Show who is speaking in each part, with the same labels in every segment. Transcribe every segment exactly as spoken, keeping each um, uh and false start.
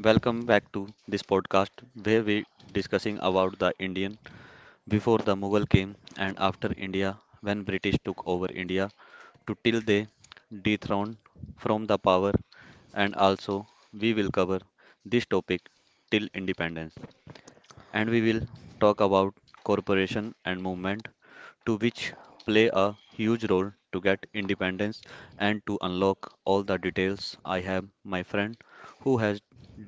Speaker 1: Welcome back to this podcast where we discussing about the Indian before the Mughal came and after India when British took over India to till they dethroned from the power, and also we will cover this topic till independence, and we will talk about corporation and movement to which play a huge role to get independence. And to unlock all the details, I have my friend who has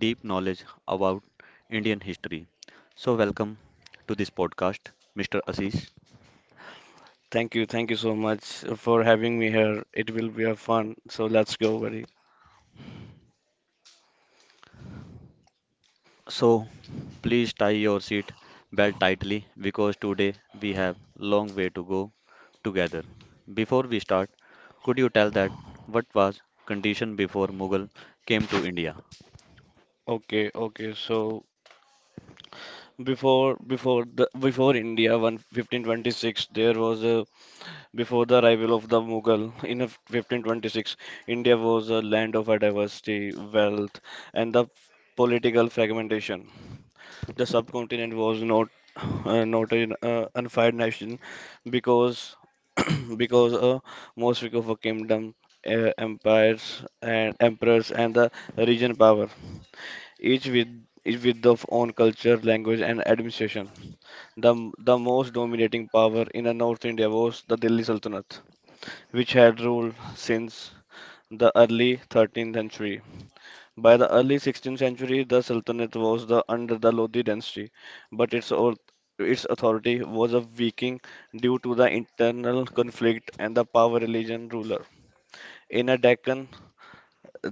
Speaker 1: deep knowledge about Indian history. So welcome to this podcast, Mr. Ashish.
Speaker 2: Thank you, thank you so much for having me here. It will be a fun. So let's go, buddy.
Speaker 1: So please tie your seat belt tightly because today we have long way to go together. Before we start, could you tell that what was condition before Mughal came to India?
Speaker 2: Okay, okay. So before before the before India one fifteen twenty-six, there was a before the arrival of the Mughal in a fifteen twenty-six. India was a land of a diversity, wealth, and the political fragmentation. The subcontinent was not uh, not an uh, unified nation because because uh, most of a kingdom, uh, empires and emperors and the region power, each with each with their own culture, language and administration. The the most dominating power in the North India was the Delhi Sultanate, which had ruled since the early thirteenth century. By the early sixteenth century, the Sultanate was the, under the Lodi dynasty, but its, au- its authority was a weakening due to the internal conflict and the power religion ruler. In a Deccan,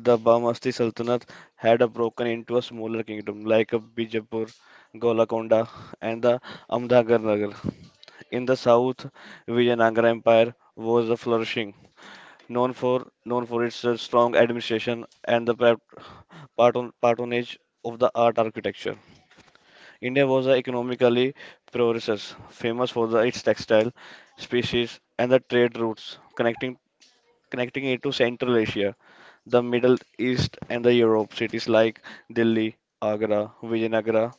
Speaker 2: the Bamasti Sultanate had a broken into a smaller kingdom like a Bijapur, Golakonda, and the Ahmednagar Nagar. In the south, Vijayanagara Empire was a flourishing, known for known for its uh, strong administration and the pat- patron- patronage of the art architecture. India was a economically progressors, famous for the, its textile species and the trade routes connecting connecting it to Central Asia, the Middle East, and the Europe. Cities like Delhi, Agra, Vijayanagara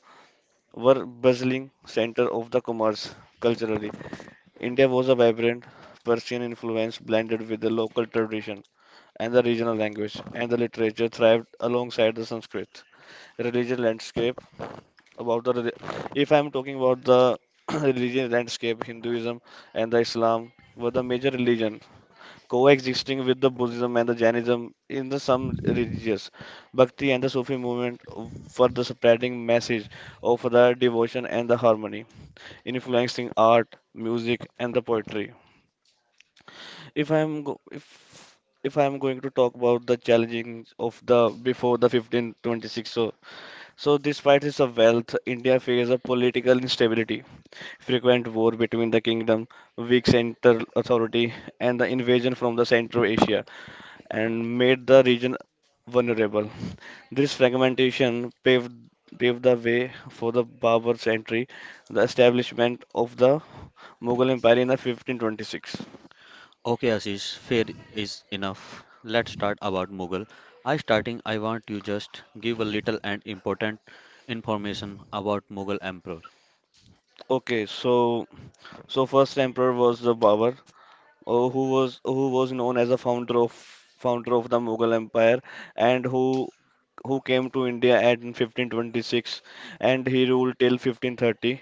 Speaker 2: were bustling center of the commerce culturally. India was a vibrant Persian influence blended with the local tradition and the regional language and the literature thrived alongside the Sanskrit religion landscape. About the, reli- if I'm talking about the religion landscape, Hinduism and the Islam were the major religion, coexisting with the Buddhism and the Jainism in the some religious Bhakti and the Sufi movement for the spreading message of the devotion and the harmony, influencing art, music, and the poetry. If I'm go if if I'm going to talk about the challenges of the before the fifteen twenty-six, so so despite its wealth, India faced a political instability, frequent war between the kingdom, weak central authority, and the invasion from the Central Asia, and made the region vulnerable. This fragmentation paved paved the way for the Baburs' entry, the establishment of the Mughal Empire in the fifteen twenty-six.
Speaker 1: Okay, Ashish, fair is enough. Let's start about Mughal. I starting I want you just give a little and important information about Mughal emperor.
Speaker 2: Okay, so So first emperor was the Babur, uh, who was who was known as the founder of founder of the Mughal Empire, and who who came to India at in fifteen twenty-six, and he ruled till fifteen thirty.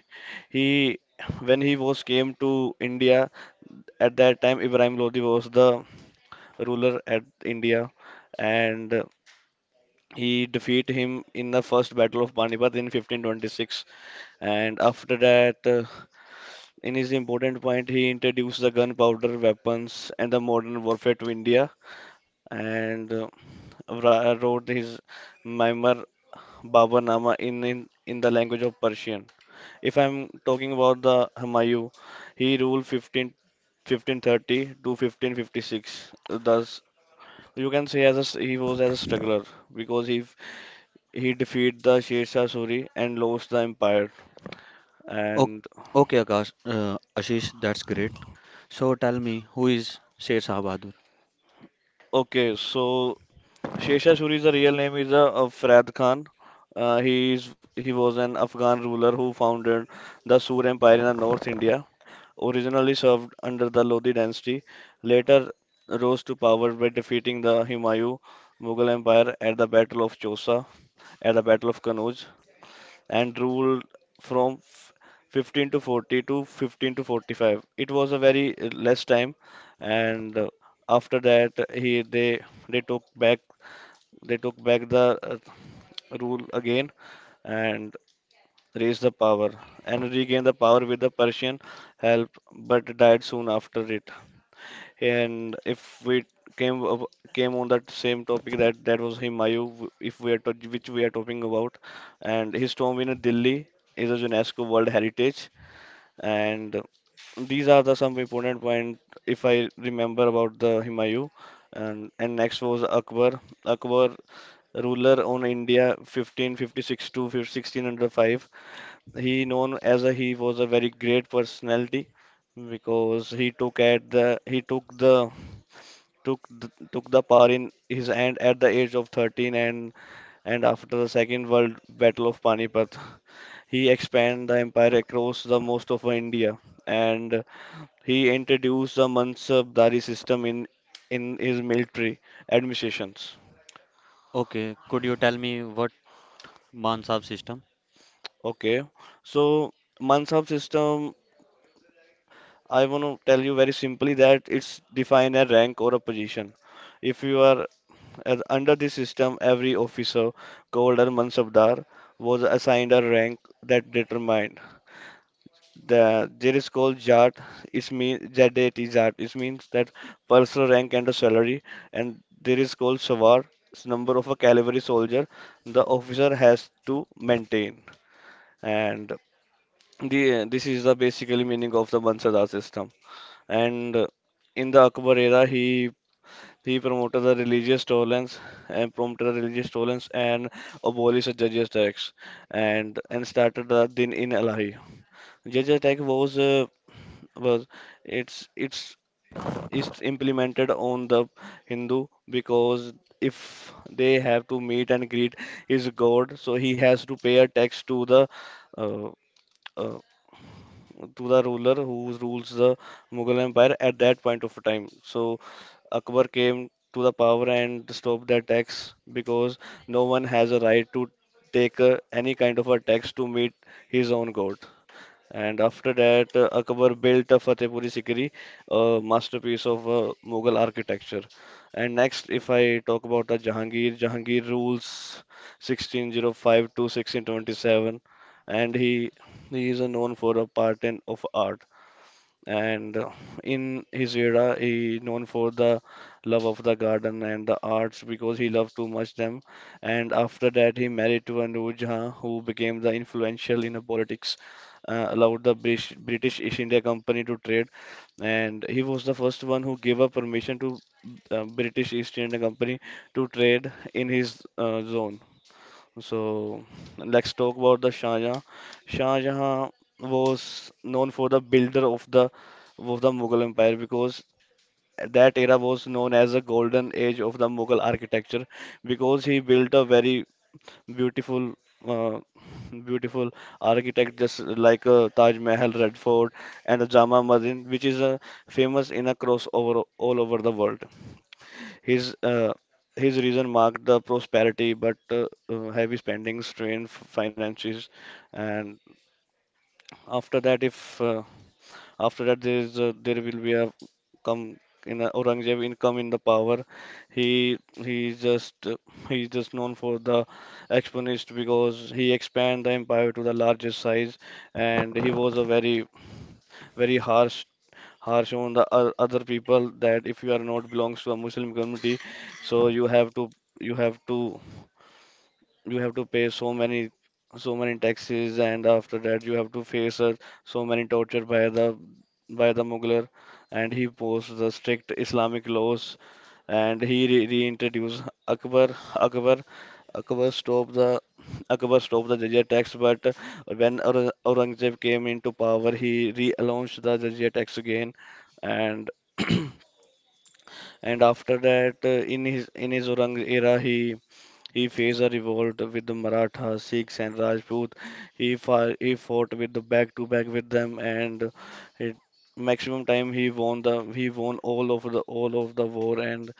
Speaker 2: He When he was came to India at that time, Ibrahim Lodi was the ruler at India, and he defeated him in the first battle of Panipat in fifteen twenty-six. And after that, uh, in his important point, he introduced the gunpowder weapons and the modern warfare to India and uh, wra- wrote his memoir Babarnama in, in in the language of Persian. If I'm talking about the Humayun, he ruled fifteen fifteen thirty to fifteen fifty-six. Thus, you can say as a, s- he was as a struggler because he f- he defeated the Sher Shah Suri and lost the empire.
Speaker 1: O-
Speaker 2: And
Speaker 1: Okay, Akash, uh, Ashish, that's great. So tell me who is Sher Shah Bahadur?
Speaker 2: okay, so Sheshashuri's real name is uh, uh, Farad Khan. Uh, he is he was an Afghan ruler who founded the Sur Empire in uh, North India. Originally served under the Lodi dynasty, later rose to power by defeating the Humayun Mughal Empire at the Battle of Chausa, at the Battle of Kannauj, and ruled from f- fifteen to forty to fifteen to forty-five. It was a very uh, less time, and uh, after that he they they took back they took back the uh, rule again and raised the power and regained the power with the Persian help, but died soon after it. And if we came up- came on that same topic that that was Humayun, w- if we are to, which we are talking about, and his tomb in Delhi is a UNESCO World Heritage, and these are the some important point if I remember about the Humayun. And, and next was Akbar. Akbar, ruler on India fifteen fifty-six to fifteen- sixteen oh five. He known as a he was a very great personality because he took at the he took the took the, took the power in his hand at the age of thirteen, and and after the Second World Battle of Panipat, he expanded the empire across the most of India, and he introduced the Mansabdari system in in his military administrations.
Speaker 1: Okay, could you tell me what Mansab system?
Speaker 2: Okay, so Mansab system, I want to tell you very simply that it's define a rank or a position. If you are As under this system, every officer called a mansabdar was assigned a rank that determined. The, there is called jat. It means jat. Jat. It means that personal rank and a salary. And there is called sawar. It's number of a cavalry soldier the officer has to maintain. And the this is the basically meaning of the mansabdar system. And uh, in the Akbar era, he he promoted the religious tolerance and promoted the religious tolerance and abolished the judges' tax and and started the Din in Ilahi. Judges' tax was uh, was it's it's it's implemented on the Hindu because if they have to meet and greet his god, so he has to pay a tax to the uh, uh, to the ruler who rules the Mughal Empire at that point of time. So Akbar came to the power and stopped the tax because no one has a right to take uh, any kind of a tax to meet his own god. And after that, uh, Akbar built a Fatehpuri Sikri, a masterpiece of uh, Mughal architecture. And next, if I talk about the Jahangir, Jahangir rules sixteen oh five to sixteen twenty-seven, and he he is uh, known for a part in of art, and uh, in his era he known for the love of the garden and the arts because he loved too much them. And after that he married to Anuj Jha who became the influential in the politics, uh, allowed the British, British East India Company to trade, and he was the first one who gave a permission to uh, British East India Company to trade in his uh, zone. So let's talk about the Shah Jahan. Shah Jahan was known for the builder of the of the Mughal Empire because that era was known as the golden age of the Mughal architecture because he built a very beautiful uh, beautiful architect just like uh, Taj Mahal, Red Fort and the Jama Masjid which is uh, famous in across over all over the world. His uh, his reason marked the prosperity, but uh, uh, heavy spending strained f- finances. And after that, if uh, after that there is uh, there will be a come in a Aurangzeb income in the power. He he just uh, he is just known for the exponist because he expand the empire to the largest size, and he was a very very harsh harsh on the o- other people that if you are not belongs to a Muslim community, so you have to you have to you have to pay so many so many taxes, and after that you have to face uh, so many torture by the by the Mughal. And he posed the strict Islamic laws, and he re reintroduced Akbar Akbar Akbar stopped the Akbar stopped the jizya tax. But when Aur- Aurangzeb came into power, he relaunched the jizya tax again. And and after that uh, in his in his Aurang era he he faced a revolt with the Maratha, Sikhs, and Rajput. He fought, he fought with the back to back with them, and it, maximum time he won the he won all of the all of the war and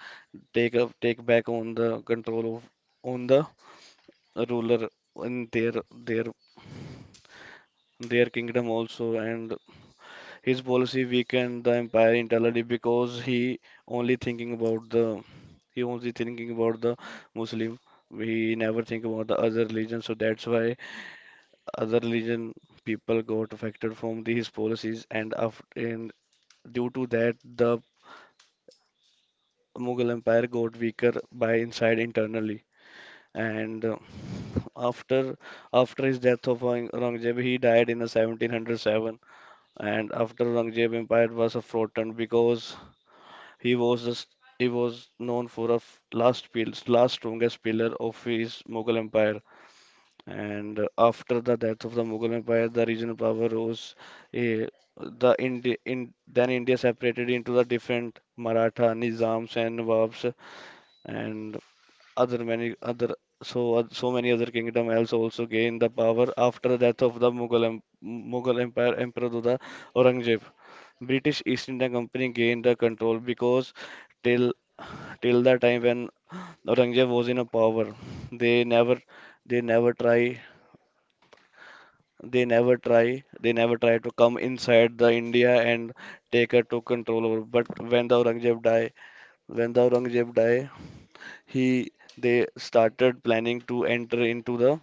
Speaker 2: take up take back on the control of on the ruler in their their their kingdom also. And his policy weakened the empire internally because he only thinking about the he only thinking about the Muslim. He never think about the other religion, so that's why other religion people got affected from these policies, and after, and due to that, the Mughal Empire got weaker by inside internally. And uh, after after his death of Aurang- Aurangzeb, he died in the seventeen oh seven. And after Aurangzeb, empire was a fraughten because He was a, s- he was known for a f- last pil- last strongest pillar of his Mughal Empire. And uh, after the death of the Mughal Empire, the regional power rose. Eh, the Indi in then India separated into the different Maratha, Nizams, and Nawabs, and other many other so oth- so many other kingdom else also gained the power after the death of the Mughal em- Mughal Empire Emperor Duda Aurangzeb. British East India Company gained the control because till till the time when Aurangzeb was in a power. They never, they never try, they never try, they never try to come inside the India and take her to control over. But when the Aurangzeb die, when the Aurangzeb die, he they started planning to enter into the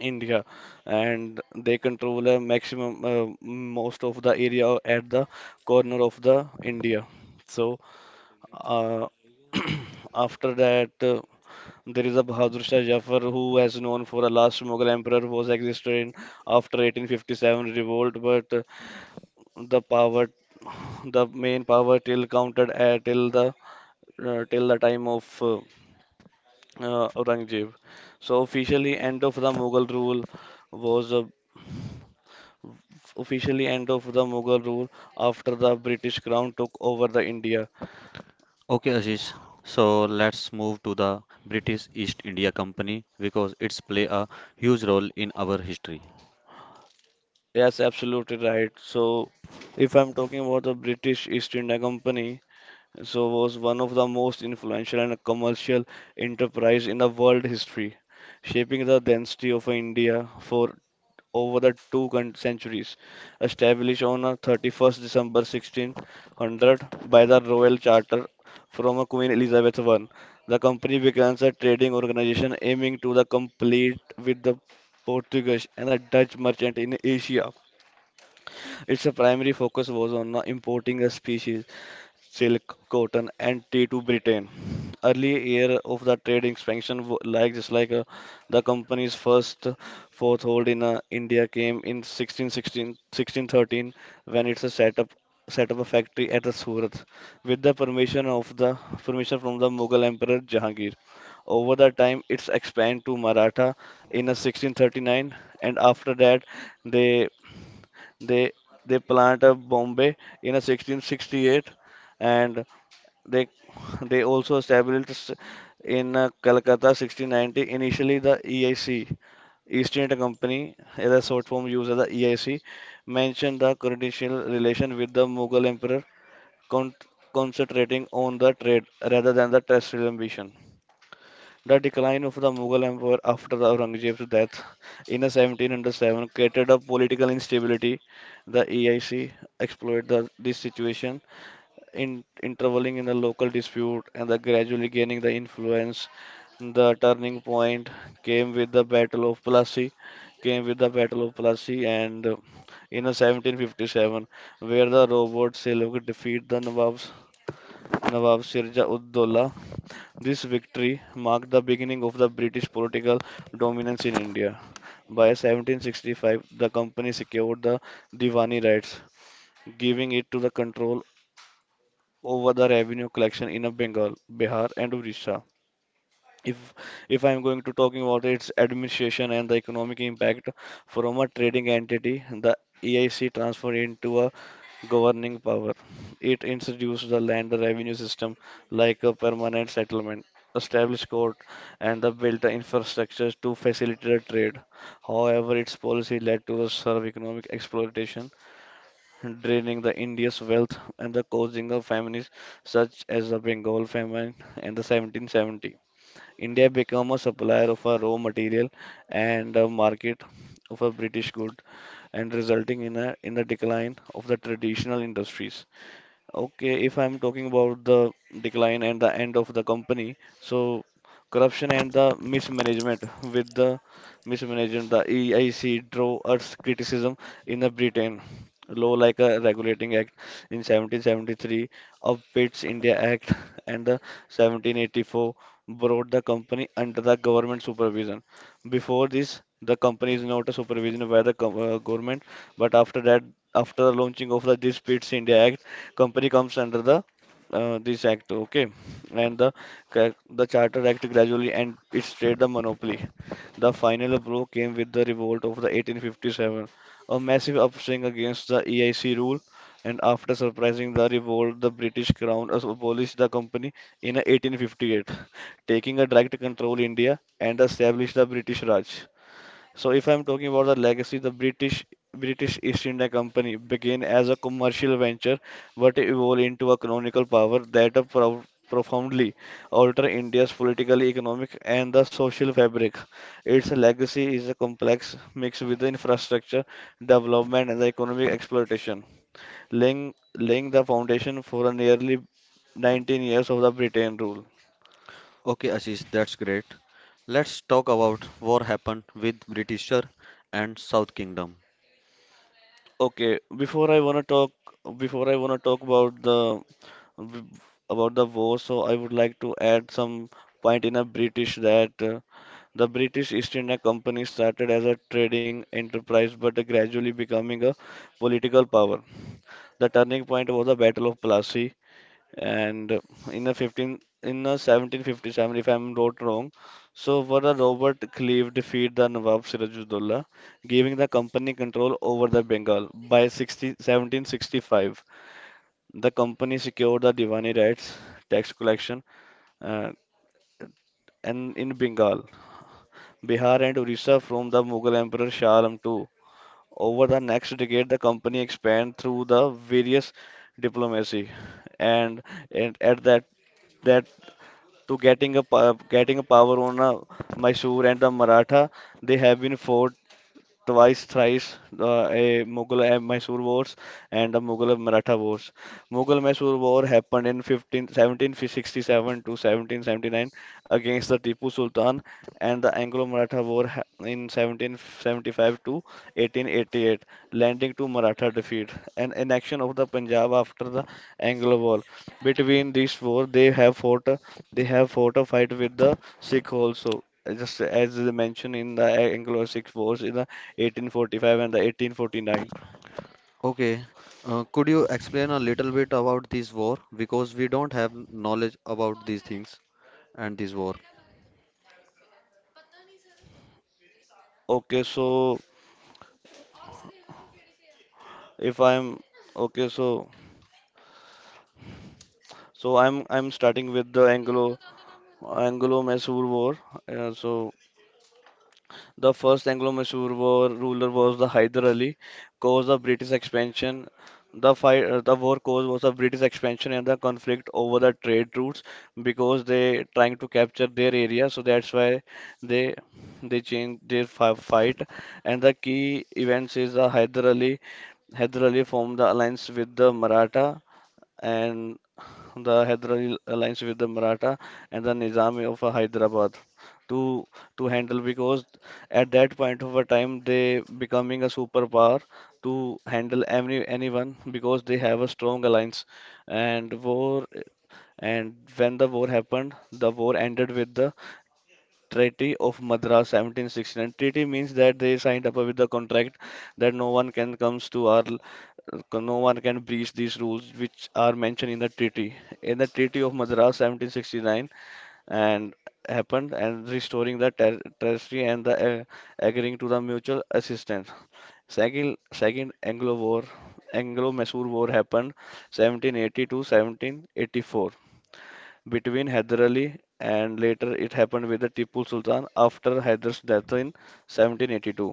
Speaker 2: India, and they control a maximum uh, most of the area at the corner of the India. So. Uh, after that uh, there is a Bahadur Shah Jafar who has known for a last Mughal emperor who was existed in after eighteen fifty-seven revolt, but uh, the power, the main power till counted at till the uh, till the time of uh, uh, Aurangzeb. So officially end of the Mughal rule was uh, officially end of the Mughal rule after the British crown took over the India.
Speaker 1: Okay, Ashish. So let's move to the British East India Company because it's play a huge role in our history.
Speaker 2: Yes, absolutely right. So if I'm talking about the British East India Company. So was one of the most influential and commercial enterprise in the world history, shaping the density of India for over the two con- centuries. Established on uh, thirty-first of December one thousand six hundred by the Royal Charter from uh, Queen Elizabeth one, the company becomes a trading organization aiming to the complete with the Portuguese and the Dutch merchant in Asia. Its primary focus was on uh, importing the species silk, cotton, and tea to Britain. Early year of the trade expansion, w- like just like uh, the company's first uh, foothold in uh, India came in sixteen sixteen, sixteen thirteen when it's a set up set up a factory at the Surat with the permission of the permission from the Mughal Emperor Jahangir. Over the time, it's expanded to Maratha in uh, sixteen thirty-nine, and after that, they they they plant a Bombay in uh, sixteen sixty-eight, and they they also established in uh, Calcutta sixteen ninety. Initially, the E I C, East India Company, as a short form used as the E I C, mentioned the continental relation with the Mughal emperor, con- concentrating on the trade rather than the terrestrial ambition. The decline of the Mughal Empire after the Aurangzeb's death in seventeen hundred seven created a political instability. The E I C exploited the, this situation in, interveling in the local dispute and the gradually gaining the influence. The turning point came with the Battle of Plassey, came with the Battle of Plassey, and uh, in a seventeen fifty-seven, where the Robert Seljuk defeat the Nawabs. Nawab Sirja ud Dola. This victory marked the beginning of the British political dominance in India. By seventeen sixty-five, the company secured the Diwani rights, giving it to the control over the revenue collection in a Bengal, Bihar, and Orissa. If if I'm going to talking about its administration and the economic impact from a trading entity, the E I C transferred into a governing power. It introduced the land revenue system like a permanent settlement, established court, and the built infrastructure to facilitate trade. However, its policy led to the serve economic exploitation draining the India's wealth and the causing of famines such as the Bengal famine in the seventeen seventy. India became a supplier of a raw material and a market of a British good and resulting in a in the decline of the traditional industries. Okay, if I'm talking about the decline and the end of the company, so corruption and the mismanagement with the mismanagement, the E I C drew us criticism in the Britain. Law like a Regulating Act in seventeen seventy-three, of Pitt's India Act and the seventeen eighty-four brought the company under the government supervision. Before this, the company is not a supervision by the gov- uh, government, but after that, after the launching of the this Pitt's India Act, company comes under the uh, this act, okay? And the ca- the Charter Act gradually and it stayed the monopoly. The final blow came with the revolt of the eighteen fifty-seven, a massive upswing against the E I C rule. And after surprising the revolt, the British Crown as- abolished the company in eighteen fifty-eight, taking a direct control India and established the British Raj. So if I'm talking about the legacy, the British British East India Company began as a commercial venture, but evolved into a colonial power that pro- profoundly altered India's political, economic, and the social fabric. Its legacy is a complex mix with the infrastructure development and the economic exploitation, laying laying the foundation for a nearly nineteen years of the Britain rule.
Speaker 1: Okay, Ashish, that's great. Let's talk about what happened with Britisher and South Kingdom.
Speaker 2: Okay, before I wanna talk, before I wanna talk about the w- about the war, so I would like to add some point in a British that uh, the British East India Company started as a trading enterprise but gradually becoming a political power. The turning point was the Battle of Plassey and uh, in a fifteen in a seventeen fifty-seven if I'm not wrong. So where the Robert Clive defeat the Nawab Sirajuddola, giving the company control over the Bengal by sixty, seventeen sixty-five. The company secured the Diwani rights, tax collection, uh, and in Bengal, Bihar, and Orissa from the Mughal Emperor Shah Alam the Second. Over the next decade, the company expanded through the various diplomacy, and, and at that that to getting a po- getting a power on uh, Mysore and the Maratha, they have been fought twice, thrice uh, a Mughal and Mysore Wars and the Mughal and Maratha Wars. Mughal Mysore War happened in fifteen seventeen sixty-seven to seventeen seventy-nine against the Tipu Sultan, and the Anglo Maratha War ha- in seventeen seventy-five to eighteen eighty-eight, landing to Maratha defeat. And annexion of the Punjab after the Anglo War. Between these wars, they have fought, a- they have fought a fight with the Sikh also just as they mentioned in the Anglo-Sikh Wars, eighteen forty-five and the eighteen forty-nine.
Speaker 1: Okay, uh, could you explain a little bit about this war, because we don't have knowledge about these things and this war.
Speaker 2: Okay, so if I'm okay, so so I'm I'm starting with the Anglo Anglo-Mysore War. Uh, so The first Anglo-Mysore war ruler was the Hyder Ali. Cause of British expansion. The fight, uh, the war cause was of British expansion and the conflict over the trade routes because they trying to capture their area. So that's why they they changed their fi- fight. And the key events is the Hyder Ali. Hyder Ali formed the alliance with the Maratha and the Hyderabad alliance with the Maratha and the Nizam of uh, Hyderabad to to handle because at that point of a time they becoming a superpower to handle any anyone because they have a strong alliance and war and when the war happened the war ended with the Treaty of Madras seventeen sixty-nine. Treaty means that they signed up with the contract that no one can comes to our no one can breach these rules which are mentioned in the treaty in the treaty of Madras seventeen sixty-nine and happened and restoring the ter- territory and the uh, agreeing to the mutual assistance. Second second anglo war Anglo Mysore war happened seventeen eighty to seventeen eighty-four between Hyder Ali and later it happened with the Tipu Sultan after Hyder's death in seventeen eighty-two.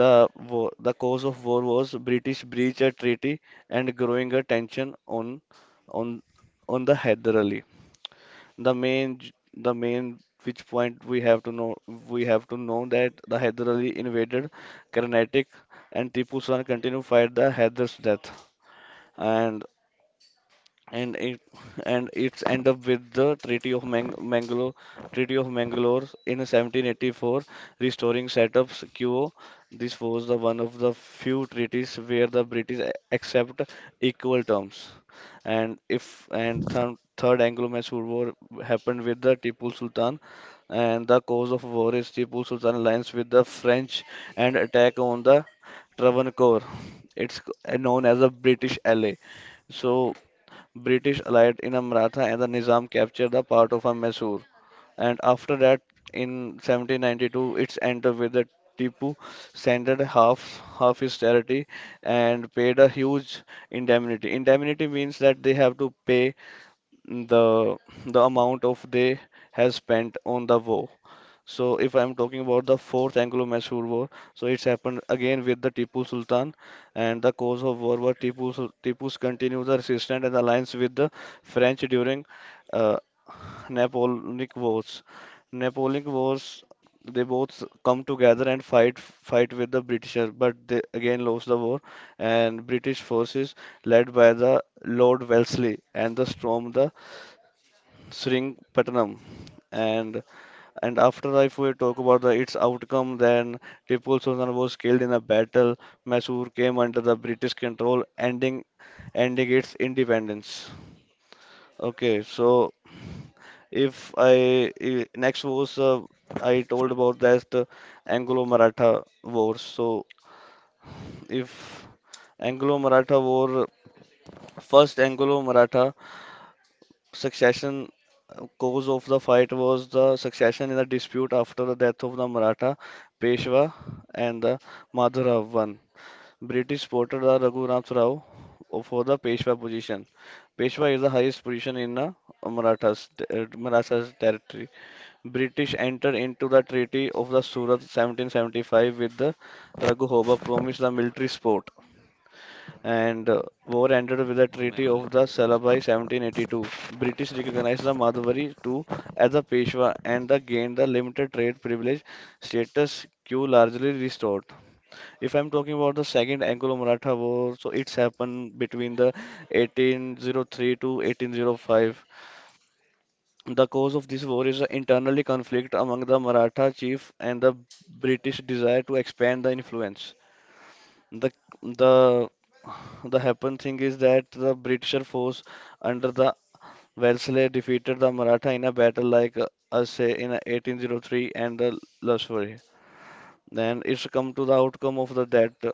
Speaker 2: The war, the cause of war was British breach a treaty and growing a tension on on on the Hyder Ali. The main j- the main which point we have to know we have to know that the Hyder Ali invaded Carnatic and Tipu Sultan continued to fight the Hyder's death. And and it and it's end up with the Treaty of Mang Mangalore, Treaty of Mangalore in seventeen eighty-four, restoring Setup's quo. This was the one of the few treaties where the British a- accept equal terms. And if and th Third Anglo-Mysore War happened with the Tipu Sultan, and the cause of war is Tipu Sultan alliance with the French and attack on the Travancore. It's c- known as a British ally. So British allied in Amratha and the Nizam captured the part of a Mysore. And after that, in seventeen ninety-two, it's ended with the Tipu surrendered half half his territory and paid a huge indemnity. Indemnity means that they have to pay the the amount of they has spent on the war. So if I'm talking about the fourth Anglo-Mysore War, so it's happened again with the Tipu Sultan, and the cause of war were Tipu Sul- Tipu's continued the resistance and alliance with the French during uh, Napoleonic Wars. Napoleonic Wars, they both come together and fight fight with the British, but they again lost the war, and British forces led by the Lord Wellesley and the storm the Sringpatnam. And and after if we talk about the its outcome, then Tipu Sultan was killed in a battle. Mysore came under the British control, ending ending its independence. Okay, so if I I- next was uh, I told about that uh, Anglo-Maratha War. So if Anglo-Maratha War, first Anglo-Maratha Succession uh, cause of the fight was the succession in a dispute after the death of the Maratha Peshwa and the Madhurav won. British supported the Raghunath Rao for the Peshwa position. Peshwa is the highest position in the Marathas, uh, Marathas territory. British entered into the Treaty of the Surat seventeen seventy-five with the Raghuhoba promised the military support and uh, war ended with the Treaty of the Salbai seventeen eighty-two. British recognized the Madhwari too as a Peshwa and the gained the limited trade privilege status quo largely restored. If I'm talking about the second Anglo-Maratha War, so it's happened between the eighteen oh three to eighteen oh five. The cause of this war is an internally conflict among the Maratha chief and the British desire to expand the influence. The the the happen thing is that the British force under the Wellesley defeated the Maratha in a battle like uh, us say in eighteen oh three and the Loughborough. Then it's come to the outcome of the that uh,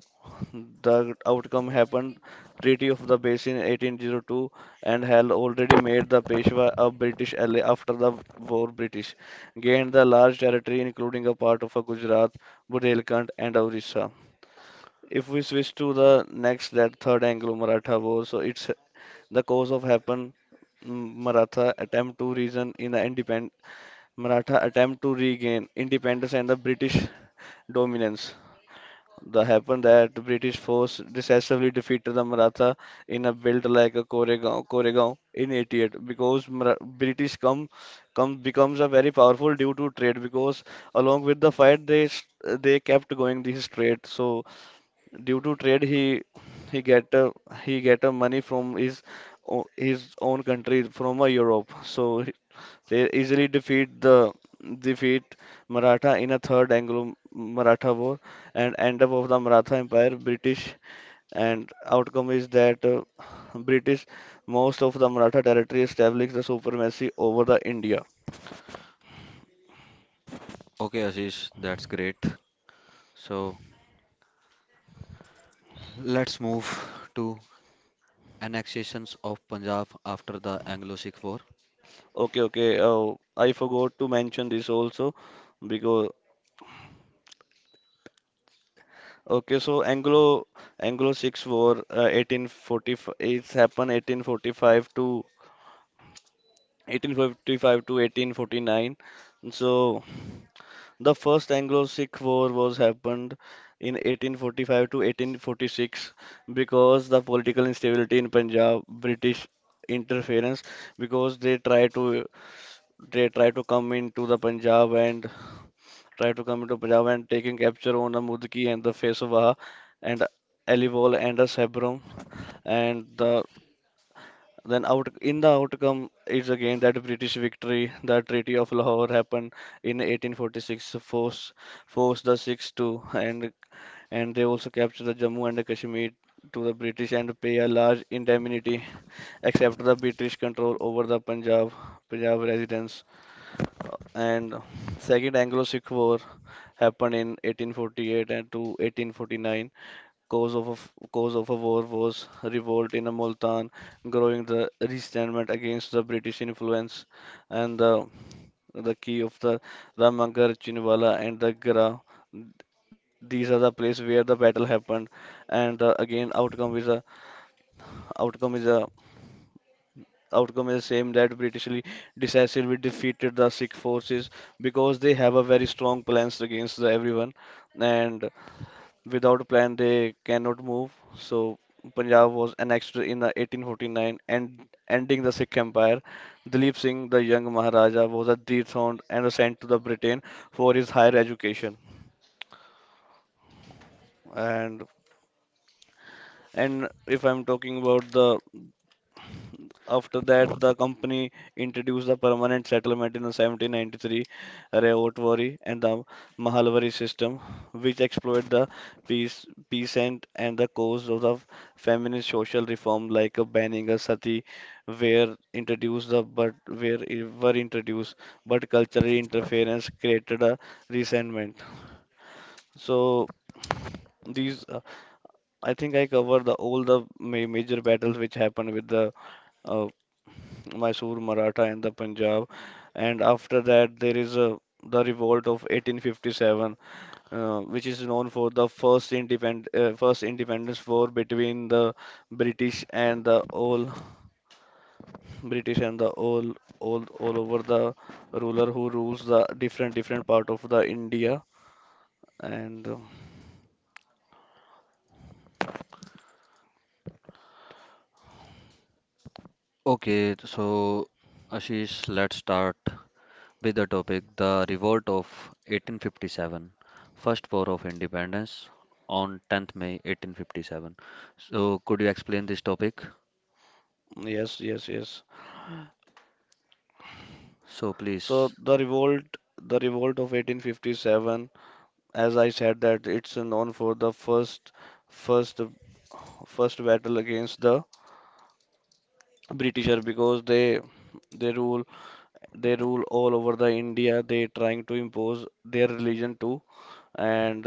Speaker 2: the outcome happened Treaty of the Basin eighteen oh two, and had already made the Peshwa a British ally. After the war, British gained the large territory, including a part of uh, Gujarat, Bundelkhand and Orissa. If we switch to the next, that third Anglo-Maratha War, so it's the cause of happen. M- Maratha attempt to reason in the independent, Maratha attempt to regain independence and the British dominance. The happen that British force decisively defeated the Maratha in a belt like a Koregaon, Koregaon in eighty-eight, because Mara- British come come becomes a very powerful due to trade, because along with the fight they s- they kept going this trade. So due to trade he he get uh, he get uh, money from his o- his own country from uh, Europe, so he- they easily defeat the defeat Maratha in a third Anglo-Maratha war and end up of the Maratha Empire. British — and outcome is that uh, British most of the Maratha territory established the supremacy over the India.
Speaker 1: Okay, Ashish, that's great. So let's move to annexations of Punjab after the Anglo-Sikh War.
Speaker 2: Okay, okay, uh, I forgot to mention this also, because okay, so Anglo Anglo Six War uh, eighteen forty, it's happened eighteen forty-five to eighteen fifty-five to eighteen forty-nine. So the first Anglo Sikh War was happened in eighteen forty-five to eighteen forty-six, because the political instability in Punjab, British interference, because they try to they try to come into the Punjab and try to come into Punjab and taking capture on the Mudki and the Peshwa and Aliwal and the Sebrum. And the then out in the outcome is again that British victory. The Treaty of Lahore happened in eighteen forty-six, force forced the Sikhs to, and and they also captured the Jammu and the Kashmir to the British and pay a large indemnity, except the British control over the Punjab Punjab residents. And second Anglo-Sikh War happened in eighteen forty-eight and to eighteen forty-nine. Cause of, a cause of a war was revolt in Multan, growing the resentment against the British influence, and the the key of the Ramgarh, Chinwala, and the Gra. These are the place where the battle happened, and uh, again outcome is a outcome is a outcome is same that Britishly decisively defeated the Sikh forces, because they have a very strong plans against the everyone. And without a plan, they cannot move. So Punjab was annexed in the eighteen forty-nine and ending the Sikh Empire. Dilip Singh, the young Maharaja, was dethroned and sent to the Britain for his higher education. And and if I'm talking about the — after that, the company introduced the permanent settlement in seventeen ninety-three, Rayotwari and the Mahalwari system, which explored the peace, peasant and the cause of the feminist social reform, like uh, banning a sati, were introduced the but where were introduced, but cultural interference created a resentment. So these, uh, I think I covered the, all the ma major battles which happened with the uh, Mysore, Maratha, and the Punjab. And after that, there is uh, the revolt of eighteen fifty-seven, uh, which is known for the first independ uh, first independence war between the British and the all British and the all all all over the ruler who rules the different different part of the India. And uh,
Speaker 1: Okay, so Ashish, let's start with the topic the revolt of eighteen fifty-seven, First War of Independence on tenth of May eighteen fifty-seven. So could you explain this topic?
Speaker 2: yes, yes, yes.
Speaker 1: So
Speaker 2: So
Speaker 1: please.
Speaker 2: the revolt, the revolt of eighteen fifty-seven, as I said, that it's known for the first first first battle against the Britisher, because they they rule they rule all over the India. They trying to impose their religion too, and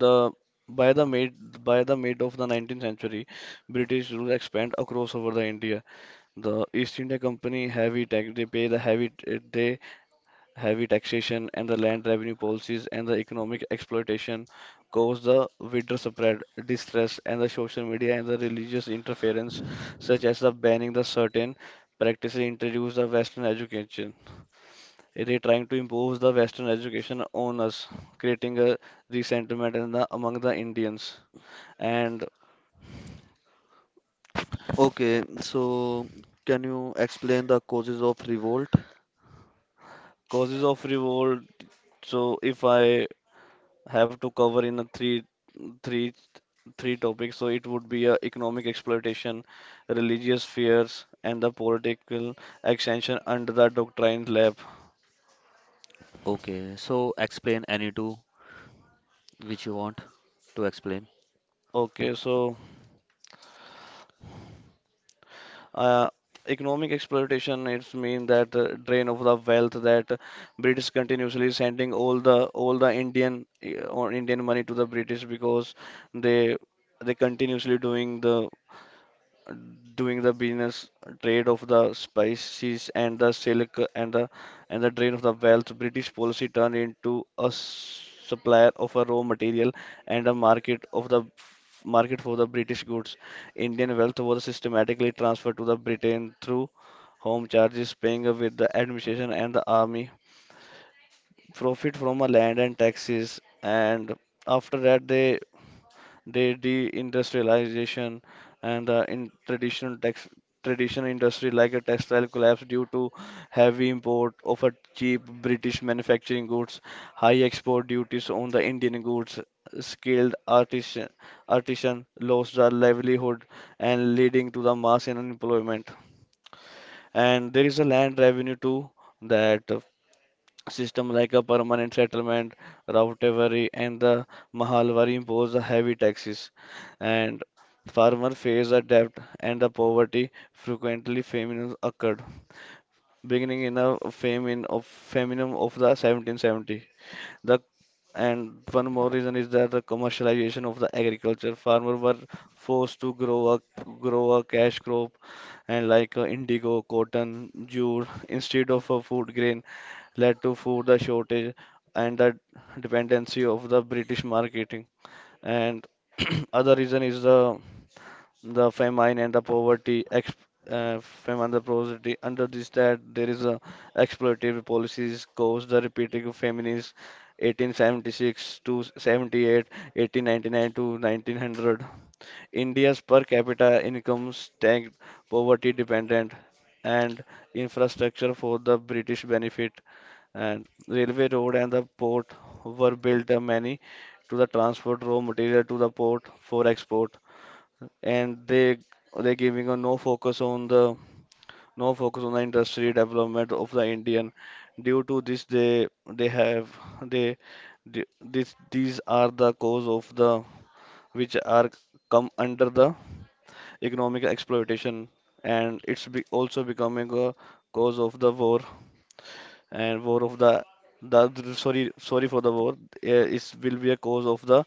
Speaker 2: the by the mid by the mid of the nineteenth century, British rule expand across over the India. The East India Company heavy tax, they pay the heavy they heavy taxation and the land revenue policies and the economic exploitation caused the wider spread distress, and the social media and the religious interference, such as the banning the certain practices, introduced the Western education. They trying to impose the Western education on us, creating a resentment in the, among the Indians. And
Speaker 1: Okay, so can you explain the causes of revolt?
Speaker 2: causes of revolt. So if I have to cover in a three three three topics, so it would be uh, economic exploitation, religious fears, and the political extension under the doctrine lab.
Speaker 1: Okay, so explain any two which you want to explain.
Speaker 2: Okay, so uh, economic exploitation, it's mean that uh, drain of the wealth, that uh, British continuously sending all the all the Indian uh, or Indian money to the British, because they they continuously doing the doing the business, trade of the spices and the silk and the, and the drain of the wealth. British policy turned into a s- supplier of a raw material and a market of the market for the British goods. Indian wealth was systematically transferred to the Britain through home charges, paying with the administration and the army, profit from a land and taxes, and after that they they deindustrialization, and uh, in traditional text traditional industry like a textile collapsed due to heavy import of a cheap British manufacturing goods, high export duties on the Indian goods, skilled artisan artisan lost their livelihood and leading to the mass in unemployment. And there is a land revenue too, that system like a permanent settlement, Rautaveri, and the Mahalwari impose a heavy taxes, and farmer face a debt and the poverty. Frequently, famines occurred, beginning in a famine of famine of the seventeen seventy. The and one more reason is that the commercialization of the agriculture. Farmers were forced to grow a grow a cash crop and like uh, indigo, cotton, jute instead of a food grain, led to food the shortage and the dependency of the British marketing. And other reason is the the famine and the poverty, ex, uh, famine the poverty. Under this that there is a exploitative policies caused the repeating of famines eighteen seventy-six to seventy-eight, eighteen ninety-nine to nineteen hundred. India's per capita income tagged poverty dependent, and infrastructure for the British benefit, and railway road and the port were built uh, many to the transport raw material to the port for export, and they they giving a no focus on the no focus on the industry development of the indian. Due to this, they they have they the- this these are the cause of the, which are come under the economic exploitation, and it's be also becoming a cause of the war and war of the the sorry, sorry for the war, uh, is will be a cause of the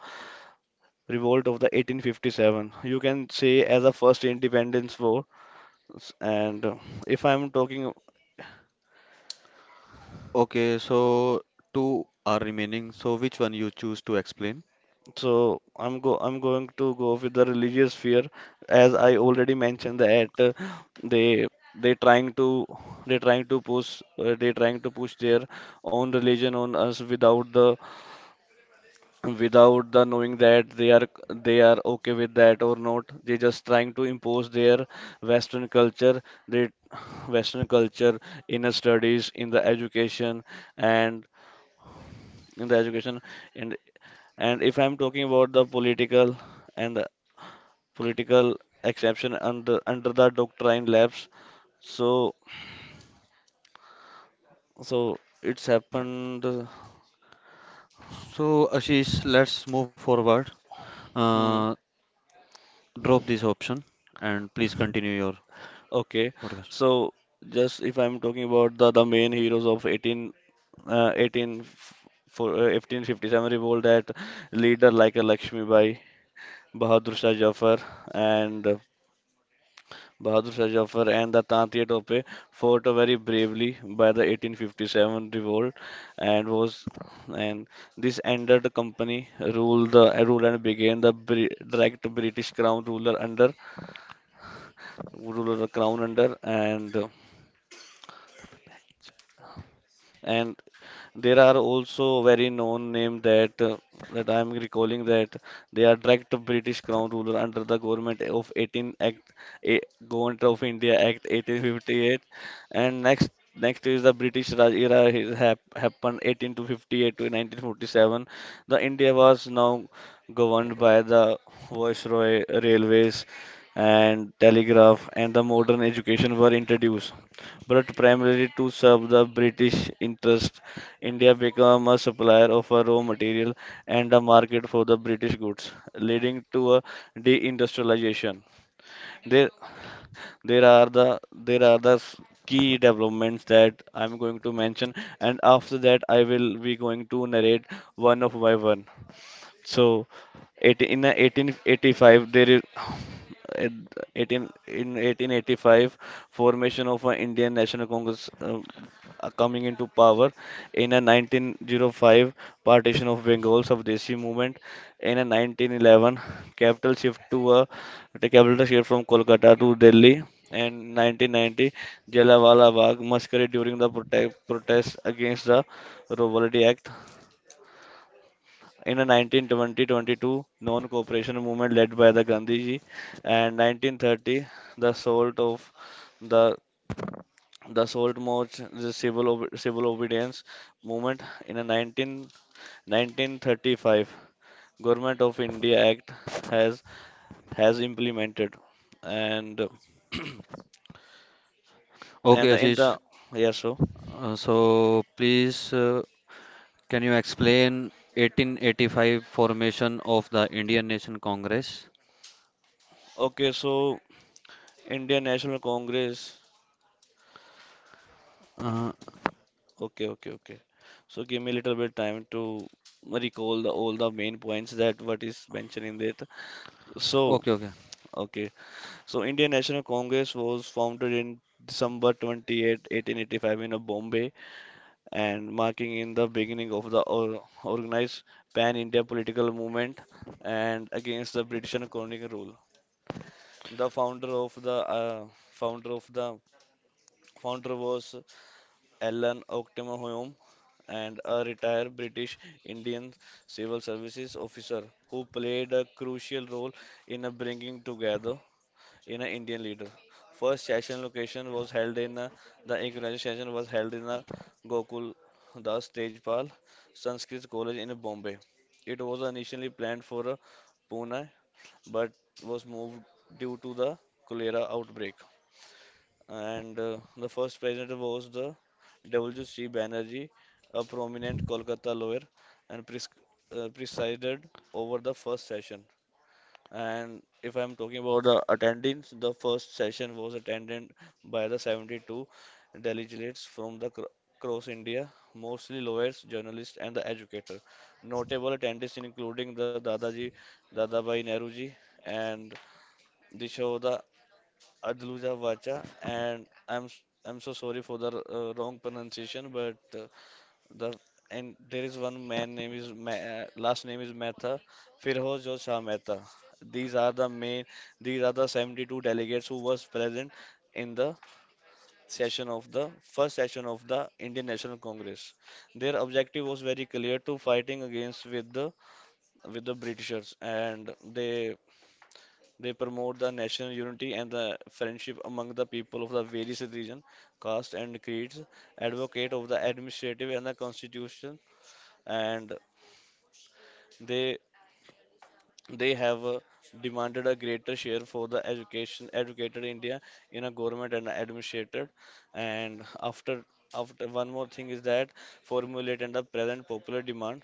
Speaker 2: revolt of the eighteen fifty-seven, you can say as a first independence war. S- and uh, if I'm talking,
Speaker 1: Okay, so two are remaining. So which one you choose to explain?
Speaker 2: so i'm go I'm going to go with the religious fear, as I already mentioned that uh, they they trying to they trying to push uh, they trying to push their own religion on us without the, without the knowing that they are, they are okay with that or not, they just trying to impose their western culture, they western culture in the studies, in the education, and in the education, and and if I'm talking about the political and the political exception under under the doctrine labs, so, so it's happened uh,
Speaker 1: So Ashish, let's move forward.
Speaker 2: hmm,
Speaker 1: Uh, Drop this option and please continue your
Speaker 2: okay,
Speaker 1: podcast.
Speaker 2: so just if I'm talking about the the main heroes of eighteen uh, eighteen for, uh, eighteen fifty-seven revolt, that leader like a Lakshmi Bai, Bahadur Shah Jafar, and uh, Bahadur Shah Jafar and the Tantiya Tope fought very bravely by the eighteen fifty-seven revolt, and was and this ended the company rule the uh, rule and began the Bri- direct British crown ruler under, ruler crown under. And Uh, and there are also very known name that uh, that I am recalling, that they are direct British Crown ruler under the government of eighteen Act eh, Government of India Act eighteen fifty-eight. And next, next is the British Raj era, it hap- happened eighteen to fifty-eight to nineteen forty-seven. The India was now governed by the Viceroy, railways and telegraph and the modern education were introduced, but primarily to serve the British interest. India became a supplier of a raw material and a market for the British goods, leading to a deindustrialization. There, there are the there are the s- key developments that I'm going to mention, and after that I will be going to narrate one of by one. So, eighteen in the eighteen eighty-five, there is in eighteen in eighteen eighty-five formation of an Indian National Congress, uh, uh, coming into power. In a nineteen oh five, partition of Bengal Swdeshi movement. In a nineteen eleven, capital shift to a, the capital shift from Kolkata to Delhi. And nineteen ninety Jallianwala Bagh massacre during the protest, protest against the Rovaldi Act in a nineteen twenty-twenty-two non-cooperation movement led by the Gandhiji, and nineteen thirty the salt of the the salt march, the civil ob- civil obedience movement. In a nineteen nineteen thirty-five Government of India Act has has implemented. and and
Speaker 1: Okay,
Speaker 2: in
Speaker 1: Ashish.
Speaker 2: the yes, so,
Speaker 1: Uh, so please, uh, can you explain eighteen eighty-five formation of the Indian Nation Congress?
Speaker 2: okay, so Indian National Congress.
Speaker 1: Uh,
Speaker 2: Okay, okay, okay. So give me a little bit time to recall the all the main points that what is mentioned in that. So,
Speaker 1: okay, okay.
Speaker 2: okay. So Indian National Congress was founded in December twenty-eighth, eighteen eighty-five in uh, Bombay, and marking in the beginning of the or organized pan-India political movement and against the British and colonial rule. The founder of the uh, founder of the founder was Alan Ockham Home, and a retired British Indian civil services officer who played a crucial role in a bringing together in an Indian leader. First session location was held in a, The inaugural session was held in a Gokul Das Tejpal Sanskrit College in Bombay. It was initially planned for a Pune but was moved due to the cholera outbreak, and uh, the first president was the W. C. Banerjee, a prominent Kolkata lawyer, and pres uh, presided over the first session. And if I'm talking about the attendance, the first session was attended by the seventy-two delegates from the cro- across India, mostly lawyers, journalists, and the educator. Notable attendees including the Dadaji, Dadabhai Nehruji, and Dishoda Adluja Vacha, and I'm s- I'm so sorry for the uh, wrong pronunciation, but uh, the and there is one man name is Ma uh, last name is Mehta, Firhoz or Shah Mehta. These are the main, these are the seventy-two delegates who was present in the session of the first session of the Indian National Congress. Their objective was very clear to fighting against with the with the Britishers, and they they promote the national unity and the friendship among the people of the various religion, caste, and creeds. Advocate of the administrative and the constitution, and they they have uh, demanded a greater share for the education educated India in a government and administrated. And after after one more thing is that formulate and the present popular demand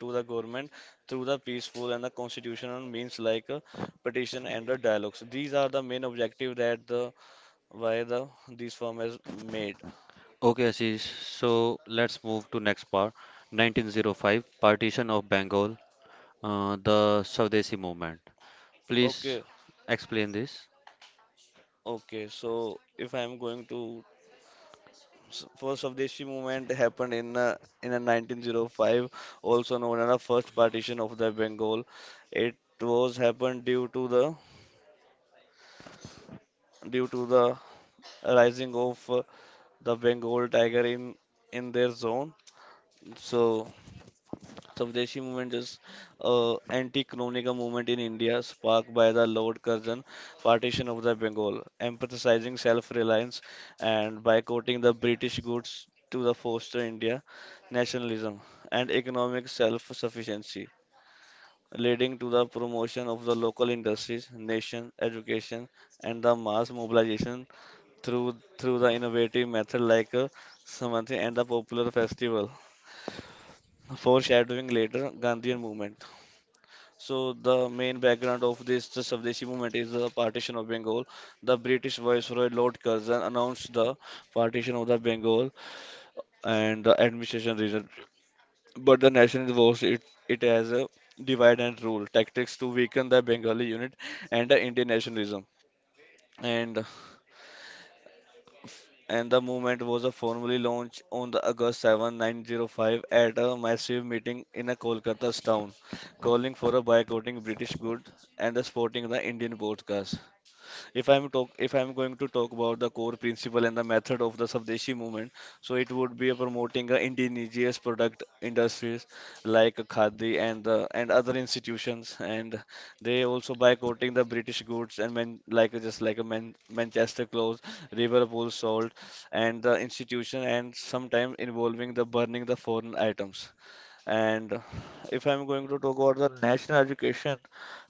Speaker 2: to the government through the peaceful and the constitutional means like uh, petition and the dialogues. These are the main objective that the why the these firm is made.
Speaker 1: Okay, Ashish. So let's move to next part. nineteen oh five, partition of Bengal, uh, the Swdeshi movement. Please
Speaker 2: Okay,
Speaker 1: explain this.
Speaker 2: okay. So if I'm going to s- first Swdeshi movement happened in uh, in a nineteen oh five, also known as the first partition of the Bengal. It was happened due to the due to the rising of uh, the Bengal tiger in in their zone. So Swadeshi movement is uh, anti-colonial movement in India sparked by the Lord Curzon partition of the Bengal, emphasizing self-reliance and boycotting the British goods to the foster India nationalism and economic self-sufficiency, leading to the promotion of the local industries, nation education, and the mass mobilization through through the innovative method like uh, Samanthi and the popular festival, foreshadowing later Gandhian movement. So the main background of this the Swadeshi movement is the partition of Bengal. The British Viceroy Lord Curzon announced the partition of the Bengal and the administration region, but the nationalists was it, it as a divide and rule tactics to weaken the Bengali unit and the Indian nationalism. And and the movement was uh, formally launched on the August seventh, nineteen oh five at a massive meeting in a Kolkata's town, calling for a boycotting British goods and the sporting the Indian broadcast. If I'm talk, if I'm going to talk about the core principle and the method of the Swadeshi movement, so it would be promoting uh, indigenous product industries like Khadi and uh, and other institutions, and they also boycotting the British goods and man, like just like a man, Manchester clothes, Liverpool salt, and the institution, and sometimes involving the burning the foreign items. And if I'm going to talk about the national education,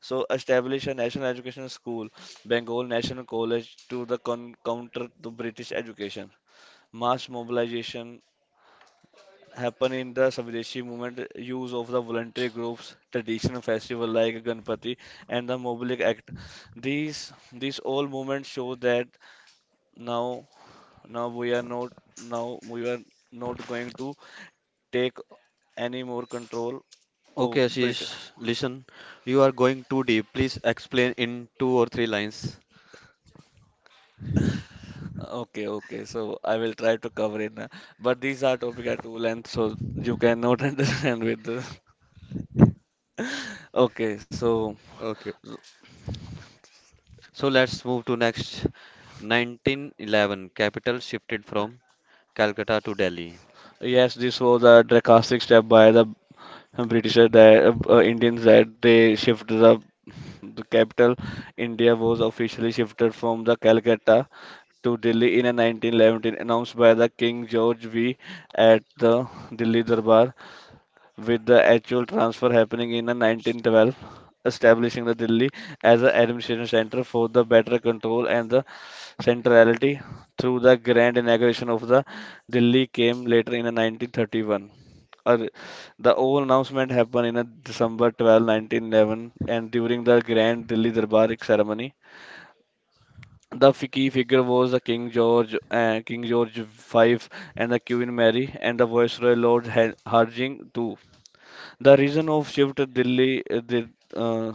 Speaker 2: so establish a national education school, Bengal National College, to the con counter the British education. Mass mobilization happen in the Swadeshi movement, use of the voluntary groups, traditional festival like Ganpati, and the Mobilic Act. These these all movements show that now now we are not, now we are not going to take any more control
Speaker 1: Okay,
Speaker 2: of Britain.
Speaker 1: Ashish, listen, you are going too deep. Please explain in two or three lines.
Speaker 2: Okay, okay. So I will try to cover in, uh, but these are topic are too length, so you cannot understand with. the- Okay, so
Speaker 1: Okay. So let's move to next. nineteen eleven, capital shifted from Calcutta to Delhi.
Speaker 2: yes, this was a drastic step by the Britisher that uh, Indians, that they shifted the the capital. India was officially shifted from the Calcutta to Delhi in a nineteen eleven, announced by the King George five at the Delhi Darbar, with the actual transfer happening in nineteen twelve, establishing the Delhi as an administration center for the better control and the centrality. Through the grand inauguration of the Delhi came later in nineteen thirty-one. Ar- The old announcement happened in a December twelfth, nineteen eleven and during the grand Delhi Darbar ceremony. The fi- key figure was the King George, uh, King George five, and the Queen Mary, and the Viceroy Lord Har- Harjing the Second. The reason of shift Delhi, uh, the uh,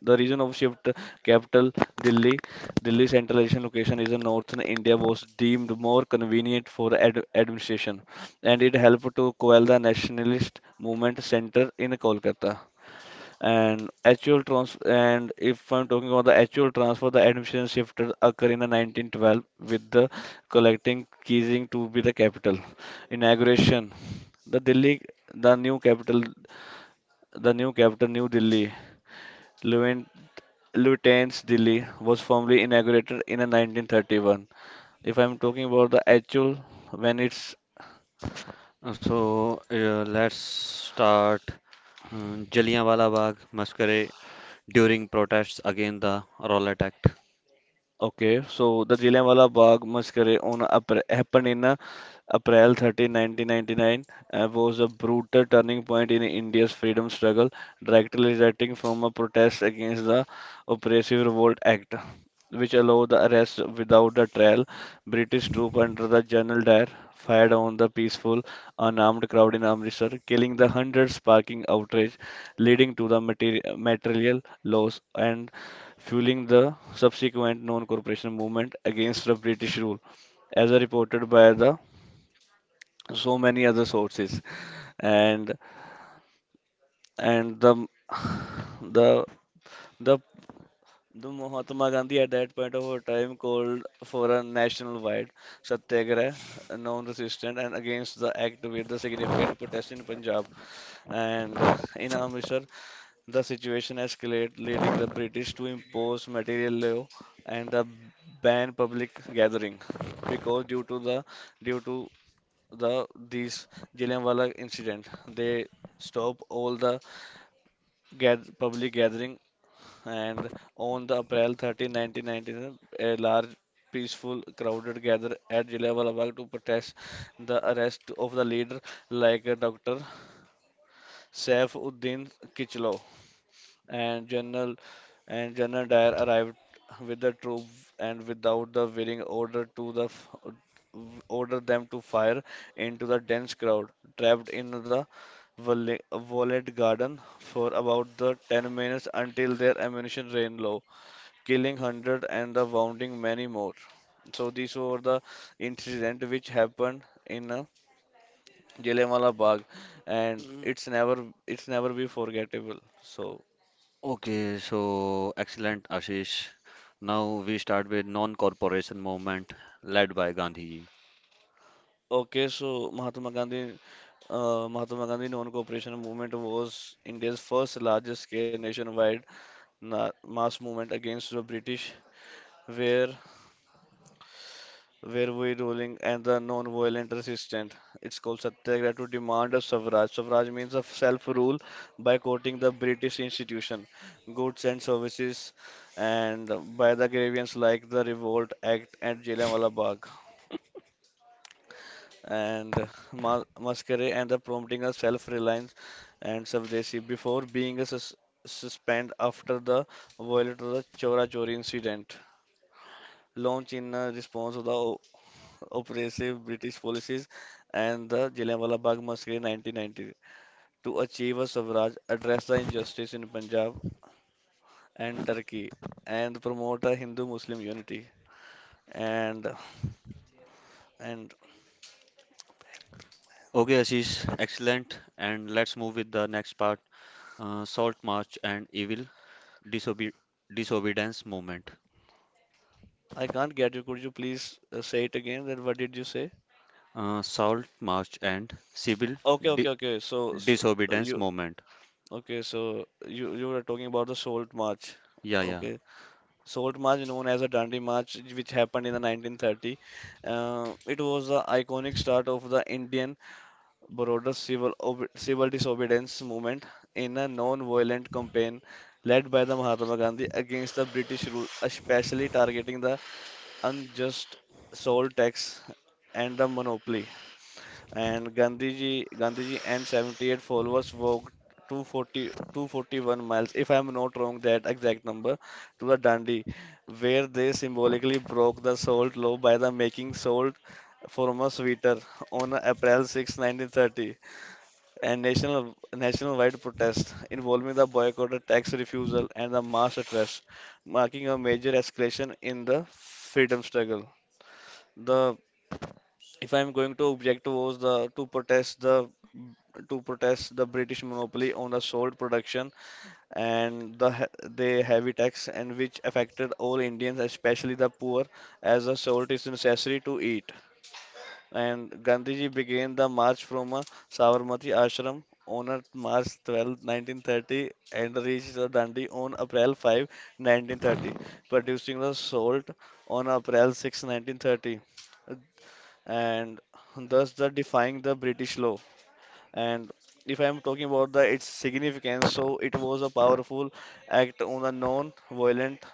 Speaker 2: the reason of shift capital Delhi. Delhi centralization location is in northern India was deemed more convenient for ad administration, and it helped to quell the nationalist movement center in Kolkata. And actual trans and if I'm talking about the actual transfer, the administration shifted occur in the nineteen twelve, with the collecting Keizing to be the capital inauguration. The Delhi, the new capital. The new capital, New Delhi, Lieutenant Lieutenant's Delhi, was formally inaugurated in nineteen thirty-one. If I'm talking about the actual when it's.
Speaker 1: Uh, So uh, let's start uh, Jallianwala Bagh massacre during protests against the Rowlatt Act.
Speaker 2: Okay, so the Jallianwala Bagh massacre on Apr happened in uh, April thirtieth, nineteen ninety-nine, and was a brutal turning point in India's freedom struggle, directly resulting from a protest against the oppressive Revolt Act, which allowed the arrest without a trial. British troops under the General Dyer fired on the peaceful, unarmed crowd in Amritsar, killing the hundreds, sparking outrage, leading to the materi material loss and fueling the subsequent non cooperation movement against the British rule, as reported by the so many other sources. And and the the the the Mahatma Gandhi at that point of her time called for a national-wide satyagraha, non-resistant and against the act with the significant protest in Punjab and in Amritsar. The situation escalated, leading the British to impose material law and the ban public gathering. Because due to the due to the these Jallianwala incident, they stop all the gath- public gathering, and on the April thirteenth, nineteen ninety-nine, a large peaceful crowded gather at Jallianwala Bagh to protest the arrest of the leader like a Doctor Saif Uddin Kichlo, and General and General Dyer arrived with the troop, and without the waiting order to the f- order them to fire into the dense crowd trapped in the Vole- Violet Garden for about the ten minutes until their ammunition ran low, killing one hundred and the wounding many more. So these were the incident which happened in uh, Jallianwala Bagh, and it's never it's never be forgettable. So
Speaker 1: Okay, so excellent, Ashish. Now we start with non-corporation movement led by Gandhiji.
Speaker 2: okay, so Mahatma Gandhi, uh, Mahatma Gandhi Non-Cooperation Movement was India's first large-scale nationwide na mass movement against the British, where where we ruling and the non-violent resistance. It's called Satyagraha to demand of suffrage. Suffrage means of self-rule by quoting the British institution, goods and services, and by the grievances like the Revolt Act and Jallianwala Bagh, and ma- masquerade and the prompting a self-reliance and Savdesi before being a sus- suspended after the violent of the Chora Chori incident. Launch in uh, response to the o- oppressive British policies and the Jallianwala Bagh massacre in nineteen ninety to achieve a Swaraj, address the injustice in Punjab and Turkey, and promote a Hindu-Muslim unity. And and
Speaker 1: Okay, Ashish, excellent. And let's move with the next part, uh, Salt March and Evil Disobe Disobedience Movement.
Speaker 2: I can't get you. Could you please uh, say it again? That what did you say?
Speaker 1: Uh, Salt March and Civil
Speaker 2: Okay,
Speaker 1: Di
Speaker 2: okay, okay. So, so uh,
Speaker 1: Disobedience
Speaker 2: you
Speaker 1: Movement.
Speaker 2: okay? So you you were talking about the Salt March.
Speaker 1: Yeah, yeah.
Speaker 2: Okay, Salt March, known as a Dandi March, which happened in the nineteen thirty. Uh, it was the iconic start of the Indian broader civil ob civil disobedience movement in a non-violent campaign led by the Mahatma Gandhi against the British rule, especially targeting the unjust salt tax and the monopoly. And Gandhiji, Gandhiji and seventy-eight followers walked two hundred forty, two hundred forty-one miles, if I'm not wrong, that exact number, to the Dandi, where they symbolically broke the salt law by the making salt former sweeter on April sixth, nineteen thirty, a national nationwide protest involving the boycott, the tax refusal, and the mass arrest, marking a major escalation in the freedom struggle. The if I'm going to object was the To protest the to protest the British monopoly on the salt production, and the he- the heavy tax and which affected all Indians, especially the poor, as the salt is necessary to eat. And Gandhiji began the march from a Sabarmati ashram on a March twelfth, nineteen thirty, and reached the Dandi on April fifth, nineteen thirty, producing the salt on April sixth, nineteen thirty, and thus the defying the British law. And if I'm talking about the its significance, so it was a powerful act on a non-violent,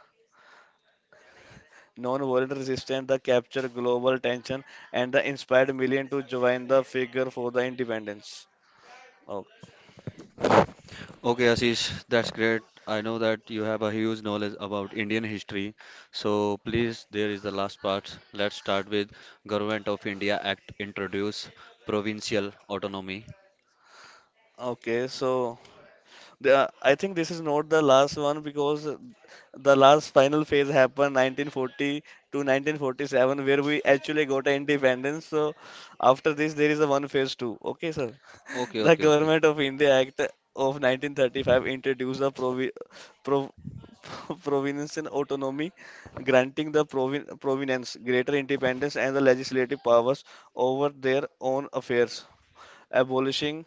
Speaker 2: non-violent resistance that captured global attention and that inspired million to join the figure for the independence. Okay,
Speaker 1: Okay, Ashish, that's great. I know that you have a huge knowledge about Indian history. So please, there is the last part. Let's start with Government of India Act introduce provincial autonomy.
Speaker 2: okay, so the, I think this is not the last one because the last final phase happened nineteen forty to nineteen forty-seven where we actually got independence. So after this there is a one phase two. Okay, sir.
Speaker 1: Okay,
Speaker 2: The
Speaker 1: okay, okay.
Speaker 2: Government of India Act of nineteen thirty-five introduced the provi- prov- provincial autonomy, granting the provin- province greater independence and the legislative powers over their own affairs, abolishing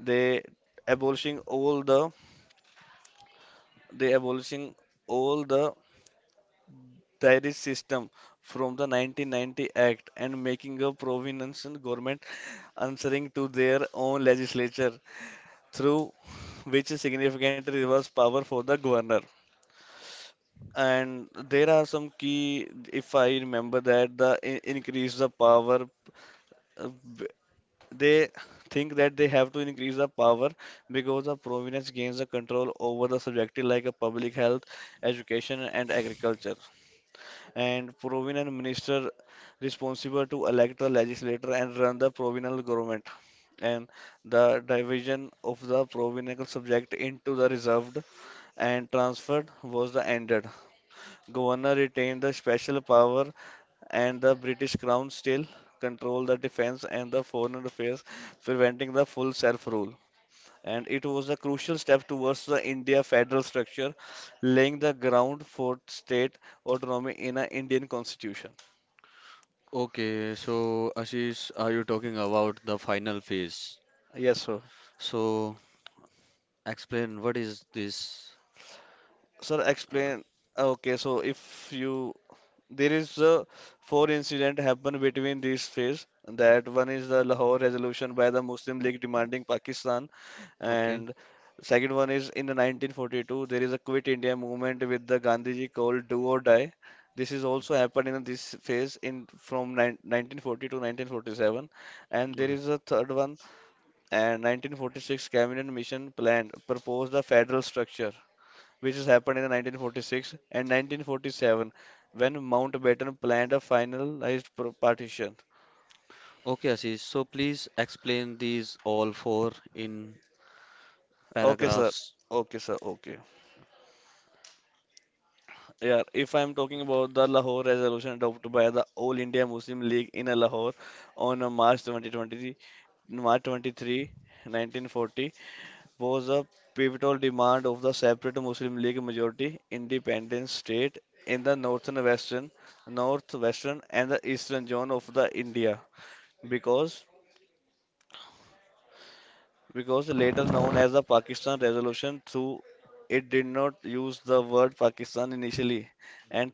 Speaker 2: the abolishing all the the abolishing all the tariff system from the nineteen ninety Act and making a provincial government answering to their own legislature through which is significant reverse power for the governor. And there are some key, if I remember that, the in- increase the power. uh, b- They think that they have to increase the power because the province gains the control over the subject like a public health, education, and agriculture. And provincial minister responsible to elect the legislator and run the provincial government. And the division of the provincial subject into the reserved and transfer was the ended. Governor retained the special power and the British Crown still controlled the defense and the foreign affairs, preventing the full self-rule. And it was a crucial step towards the India federal structure, laying the ground for state autonomy in an Indian constitution.
Speaker 1: Okay, so Ashish, are you talking about the final phase?
Speaker 2: Yes, sir.
Speaker 1: So explain what is this?
Speaker 2: Sir,
Speaker 1: Uh,
Speaker 2: explain. Okay, so if you there is uh, four incident happened between these phase that one is the Lahore resolution by the Muslim League demanding Pakistan,
Speaker 1: okay.
Speaker 2: and second one is in the nineteen forty-two there is a Quit India movement with the Gandhiji called do or die. This is also happened in this phase in from nine, nineteen forty to nineteen forty-seven, and there
Speaker 1: Okay,
Speaker 2: is a third one, and nineteen forty-six cabinet mission plan proposed a federal structure which has happened in the nineteen forty-six and nineteen forty-seven when Mountbatten planned a finalized pro- partition.
Speaker 1: Okay, Ashish. So please explain these all four in
Speaker 2: Okay, sir.
Speaker 1: paragraphs.
Speaker 2: Okay, sir. Okay. Yeah, if I'm talking about the Lahore resolution adopted by the All India Muslim League in Lahore on uh, March twenty twenty-three, March twenty-third, nineteen forty, was a pivotal demand of the separate Muslim League majority independent state in the northern western, northwestern, and the eastern zone of the India because because later known as the Pakistan Resolution, through it did not use the word Pakistan initially, and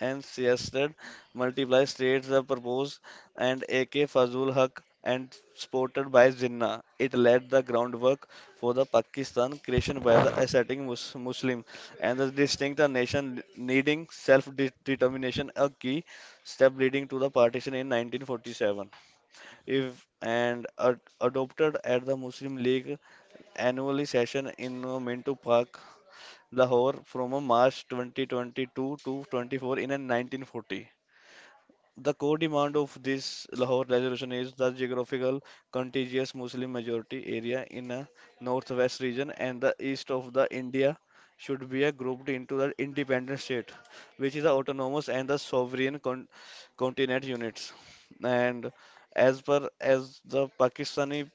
Speaker 2: and suggested multiple states were proposed, and A K. Fazul Haq and supported by Jinnah. It laid the groundwork for the Pakistan creation by the ascetic Mus- Muslim and the distinct nation needing self-determination, a key step leading to the partition in nineteen forty-seven if and ad- adopted at the Muslim League annual session in uh, Minto Park, Lahore from uh, March twenty twenty-two to twenty-four in uh, nineteen forty. The core demand of this Lahore resolution is the geographical contiguous Muslim majority area in a northwest region and the east of the India should be uh, grouped into the independent state, which is the autonomous and the sovereign con- continent units. And as per as the Pakistani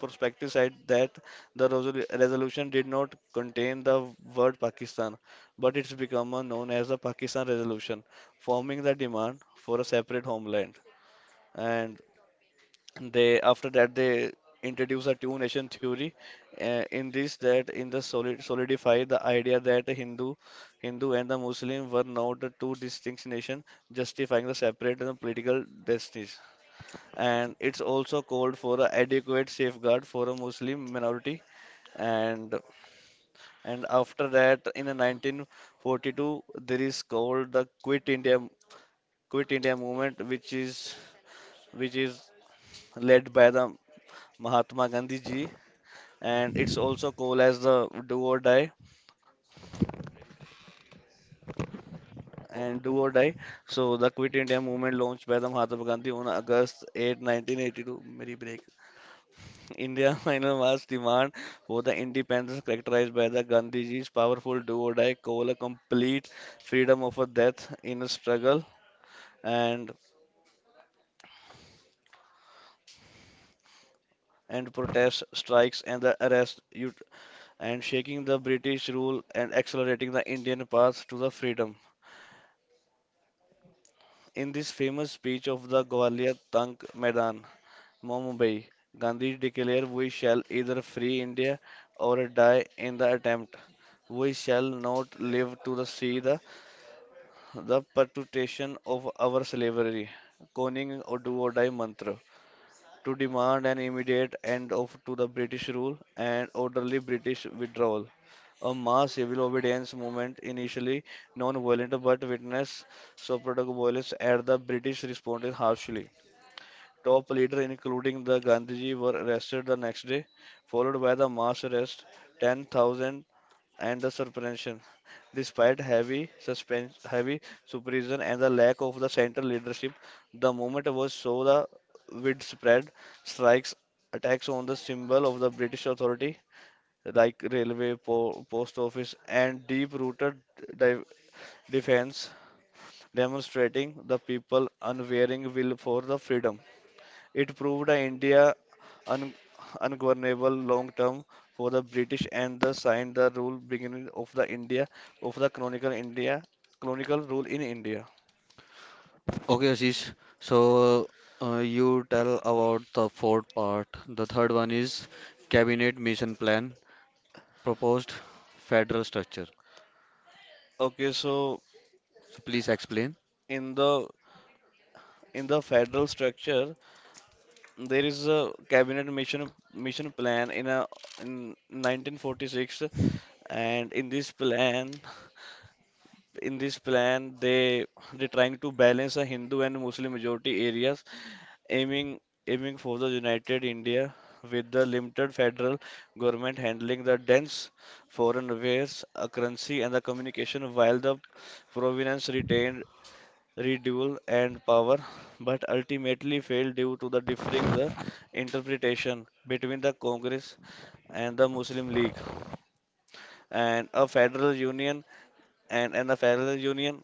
Speaker 2: perspective said that the resolu- resolution did not contain the word Pakistan, but it's become uh, known as the Pakistan resolution forming the demand for a separate homeland. And they after that they introduce a two nation theory uh, in this that in the solid solidify the idea that Hindu Hindu and the Muslim were not the two distinct nations justifying the separate and political destinies. And it's also called for a adequate safeguard for a Muslim minority, and and after that in the nineteen forty-two there is called the Quit India Quit India movement which is which is led by the Mahatma Gandhi ji, and it's also called as the Do or Die
Speaker 1: O-
Speaker 2: and Do or Die. So the Quit India movement launched by the Mahatma Gandhi on August eighth, nineteen eighty-two. Merry break. India final mass demand for the independence characterized by the Gandhiji's powerful Do or Die call, a complete freedom of a death in a struggle, and and protest strikes and the arrest ut- and shaking the British rule and accelerating the Indian path to the freedom. In this famous speech of the Gwalior Tank Maidan, Mumbai, Gandhi declared, "We shall either free India or die in the attempt. We shall not live to the see the, the perpetuation of our slavery." Coining or do or die mantra to demand an immediate end of to the British rule and orderly British withdrawal. A mass civil obedience movement, initially non-violent but witnessed supportive violence as the British responded harshly. Top leaders, including the Gandhiji, were arrested the next day, followed by the mass arrest. ten thousand and the suspension. Despite heavy suspense, heavy supervision and the lack of the central leadership, the movement was so the widespread strikes, attacks on the symbol of the British authority like railway, po- post office, and deep-rooted di- defense, demonstrating the people unwavering will for the freedom. It proved India un- ungovernable long term for the British and the signed the rule beginning of the India of the Chronicle India Chronicle rule in India.
Speaker 1: Okay, Ashish. So uh, you tell about the fourth part. The third one is cabinet mission plan, proposed federal structure.
Speaker 2: Okay, so
Speaker 1: So please explain.
Speaker 2: in the in the federal structure, there is a cabinet mission mission plan in a in nineteen forty-six, and in this plan, in this plan, they they trying to balance a Hindu and Muslim majority areas aiming aiming for the United India with the limited federal government handling the dense foreign affairs, uh, currency and the communication while the province retained redouble and power but ultimately failed due to the differing the interpretation between the Congress and the Muslim League and a federal union and, and a federal union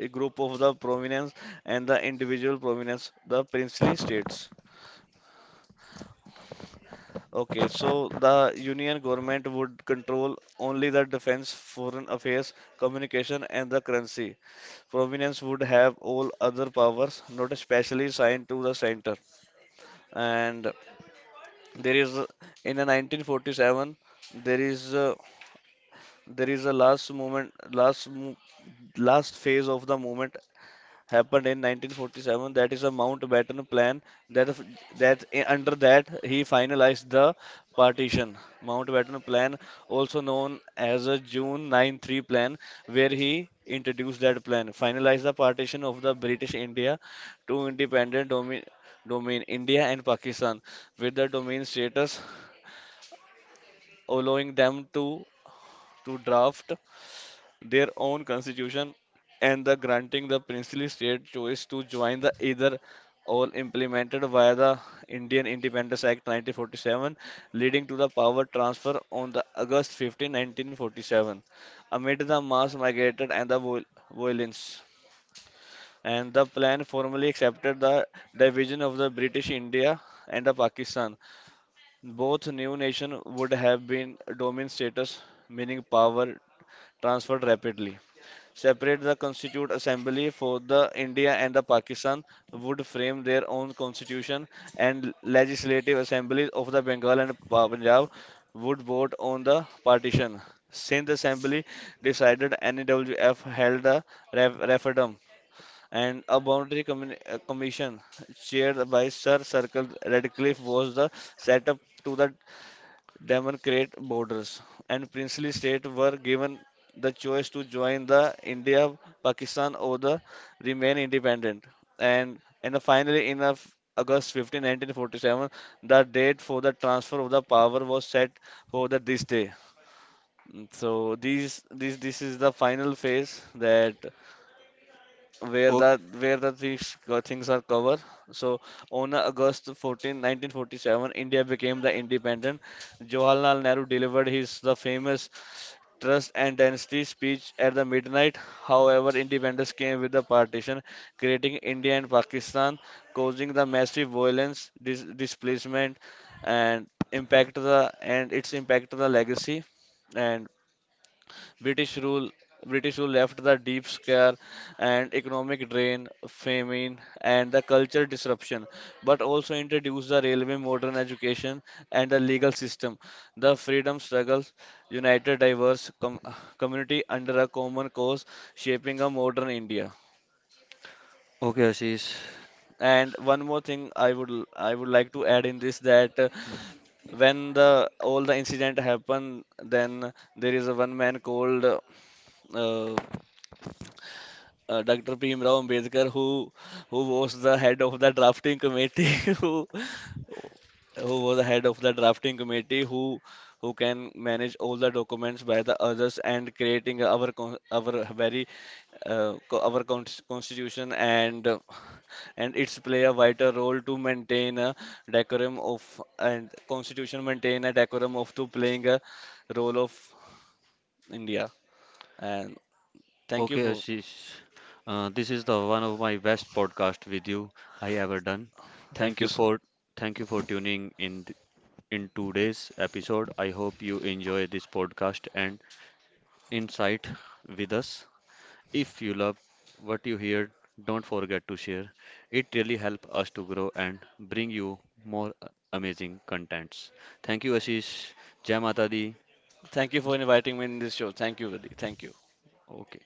Speaker 2: a group of the prominence and the individual prominence the princely states. Okay, so the Union government would control only the defense, foreign affairs, communication, and the currency. Province would have all other powers not especially assigned to the center. And there is a- in the nineteen forty-seven there is a, there is a last moment last mo- last phase of the movement happened in nineteen forty-seven. That is a Mountbatten Plan that f- that I- under that he finalized the partition. Mountbatten Plan, also known as a June ninety-three Plan, where he introduced that plan, finalized the partition of the British India to independent domi domain India and Pakistan with the domain status allowing them to to draft their own constitution and the granting the princely state choice to join the either, all implemented via the Indian Independence Act nineteen forty-seven, leading to the power transfer on the August fifteenth, nineteen forty-seven amid the mass migrated and the viol- violence, and the plan formally accepted the division of the British India and the Pakistan. Both new nation would have been domain status, meaning power transferred rapidly, separate the Constituent Assembly for the India and the Pakistan would frame their own constitution, and legislative assemblies of the Bengal and Pa- Punjab would vote on the partition. Since the Assembly decided N E W F held a ref- referendum and a boundary commi- uh, commission chaired by Sir Circle Radcliffe was the set up to the demarcate borders, and princely states were given the choice to join the India, Pakistan, or the remain independent. And and finally, in of August fifteenth, nineteen forty-seven, the date for the transfer of the power was set for the this day. Mm, so these this this is the final phase that where the
Speaker 1: Okay,
Speaker 2: where the things co- things are covered. So on August fourteenth, nineteen forty-seven, India became the independent. Jawaharlal Nehru delivered his the famous Trust and Dynasty speech at the midnight. However, independence came with the partition, creating India and Pakistan, causing the massive violence, dis- displacement, and impact the and its impact the legacy. And British rule British rule left the deep scare and economic drain, famine and the cultural disruption, but also introduced the railway, modern education and the legal system. The freedom struggles united diverse com- community under a common cause, shaping a modern India.
Speaker 1: Okay, Ashish.
Speaker 2: And one more thing I would I would like to add in this that uh, when the all the incident happen, then there is a one man called uh, uh, Doctor Bhimrao Ambedkar, who who was the head of the drafting committee, who who was the head of the drafting committee, who who can manage all the documents by the others and creating our con- our very uh, co- our con- constitution, and uh, and it's play a vital role to maintain a decorum of and constitution maintain a decorum of to playing a role of India, and thank you
Speaker 1: Okay,
Speaker 2: for
Speaker 1: Ashish. Uh, this is the one of my best podcast with you I ever done.
Speaker 2: thank
Speaker 1: Thank
Speaker 2: you
Speaker 1: you
Speaker 2: so.
Speaker 1: for Thank you for tuning in th- in today's episode. I hope you enjoy this podcast and insight with us. If you love what you hear, don't forget to share. It really helps us to grow and bring you more uh, amazing contents. Thank you, Ashish. Jai Mata Di.
Speaker 2: Thank you for inviting me in this show. Thank you, Vadi. Thank you.
Speaker 1: Okay.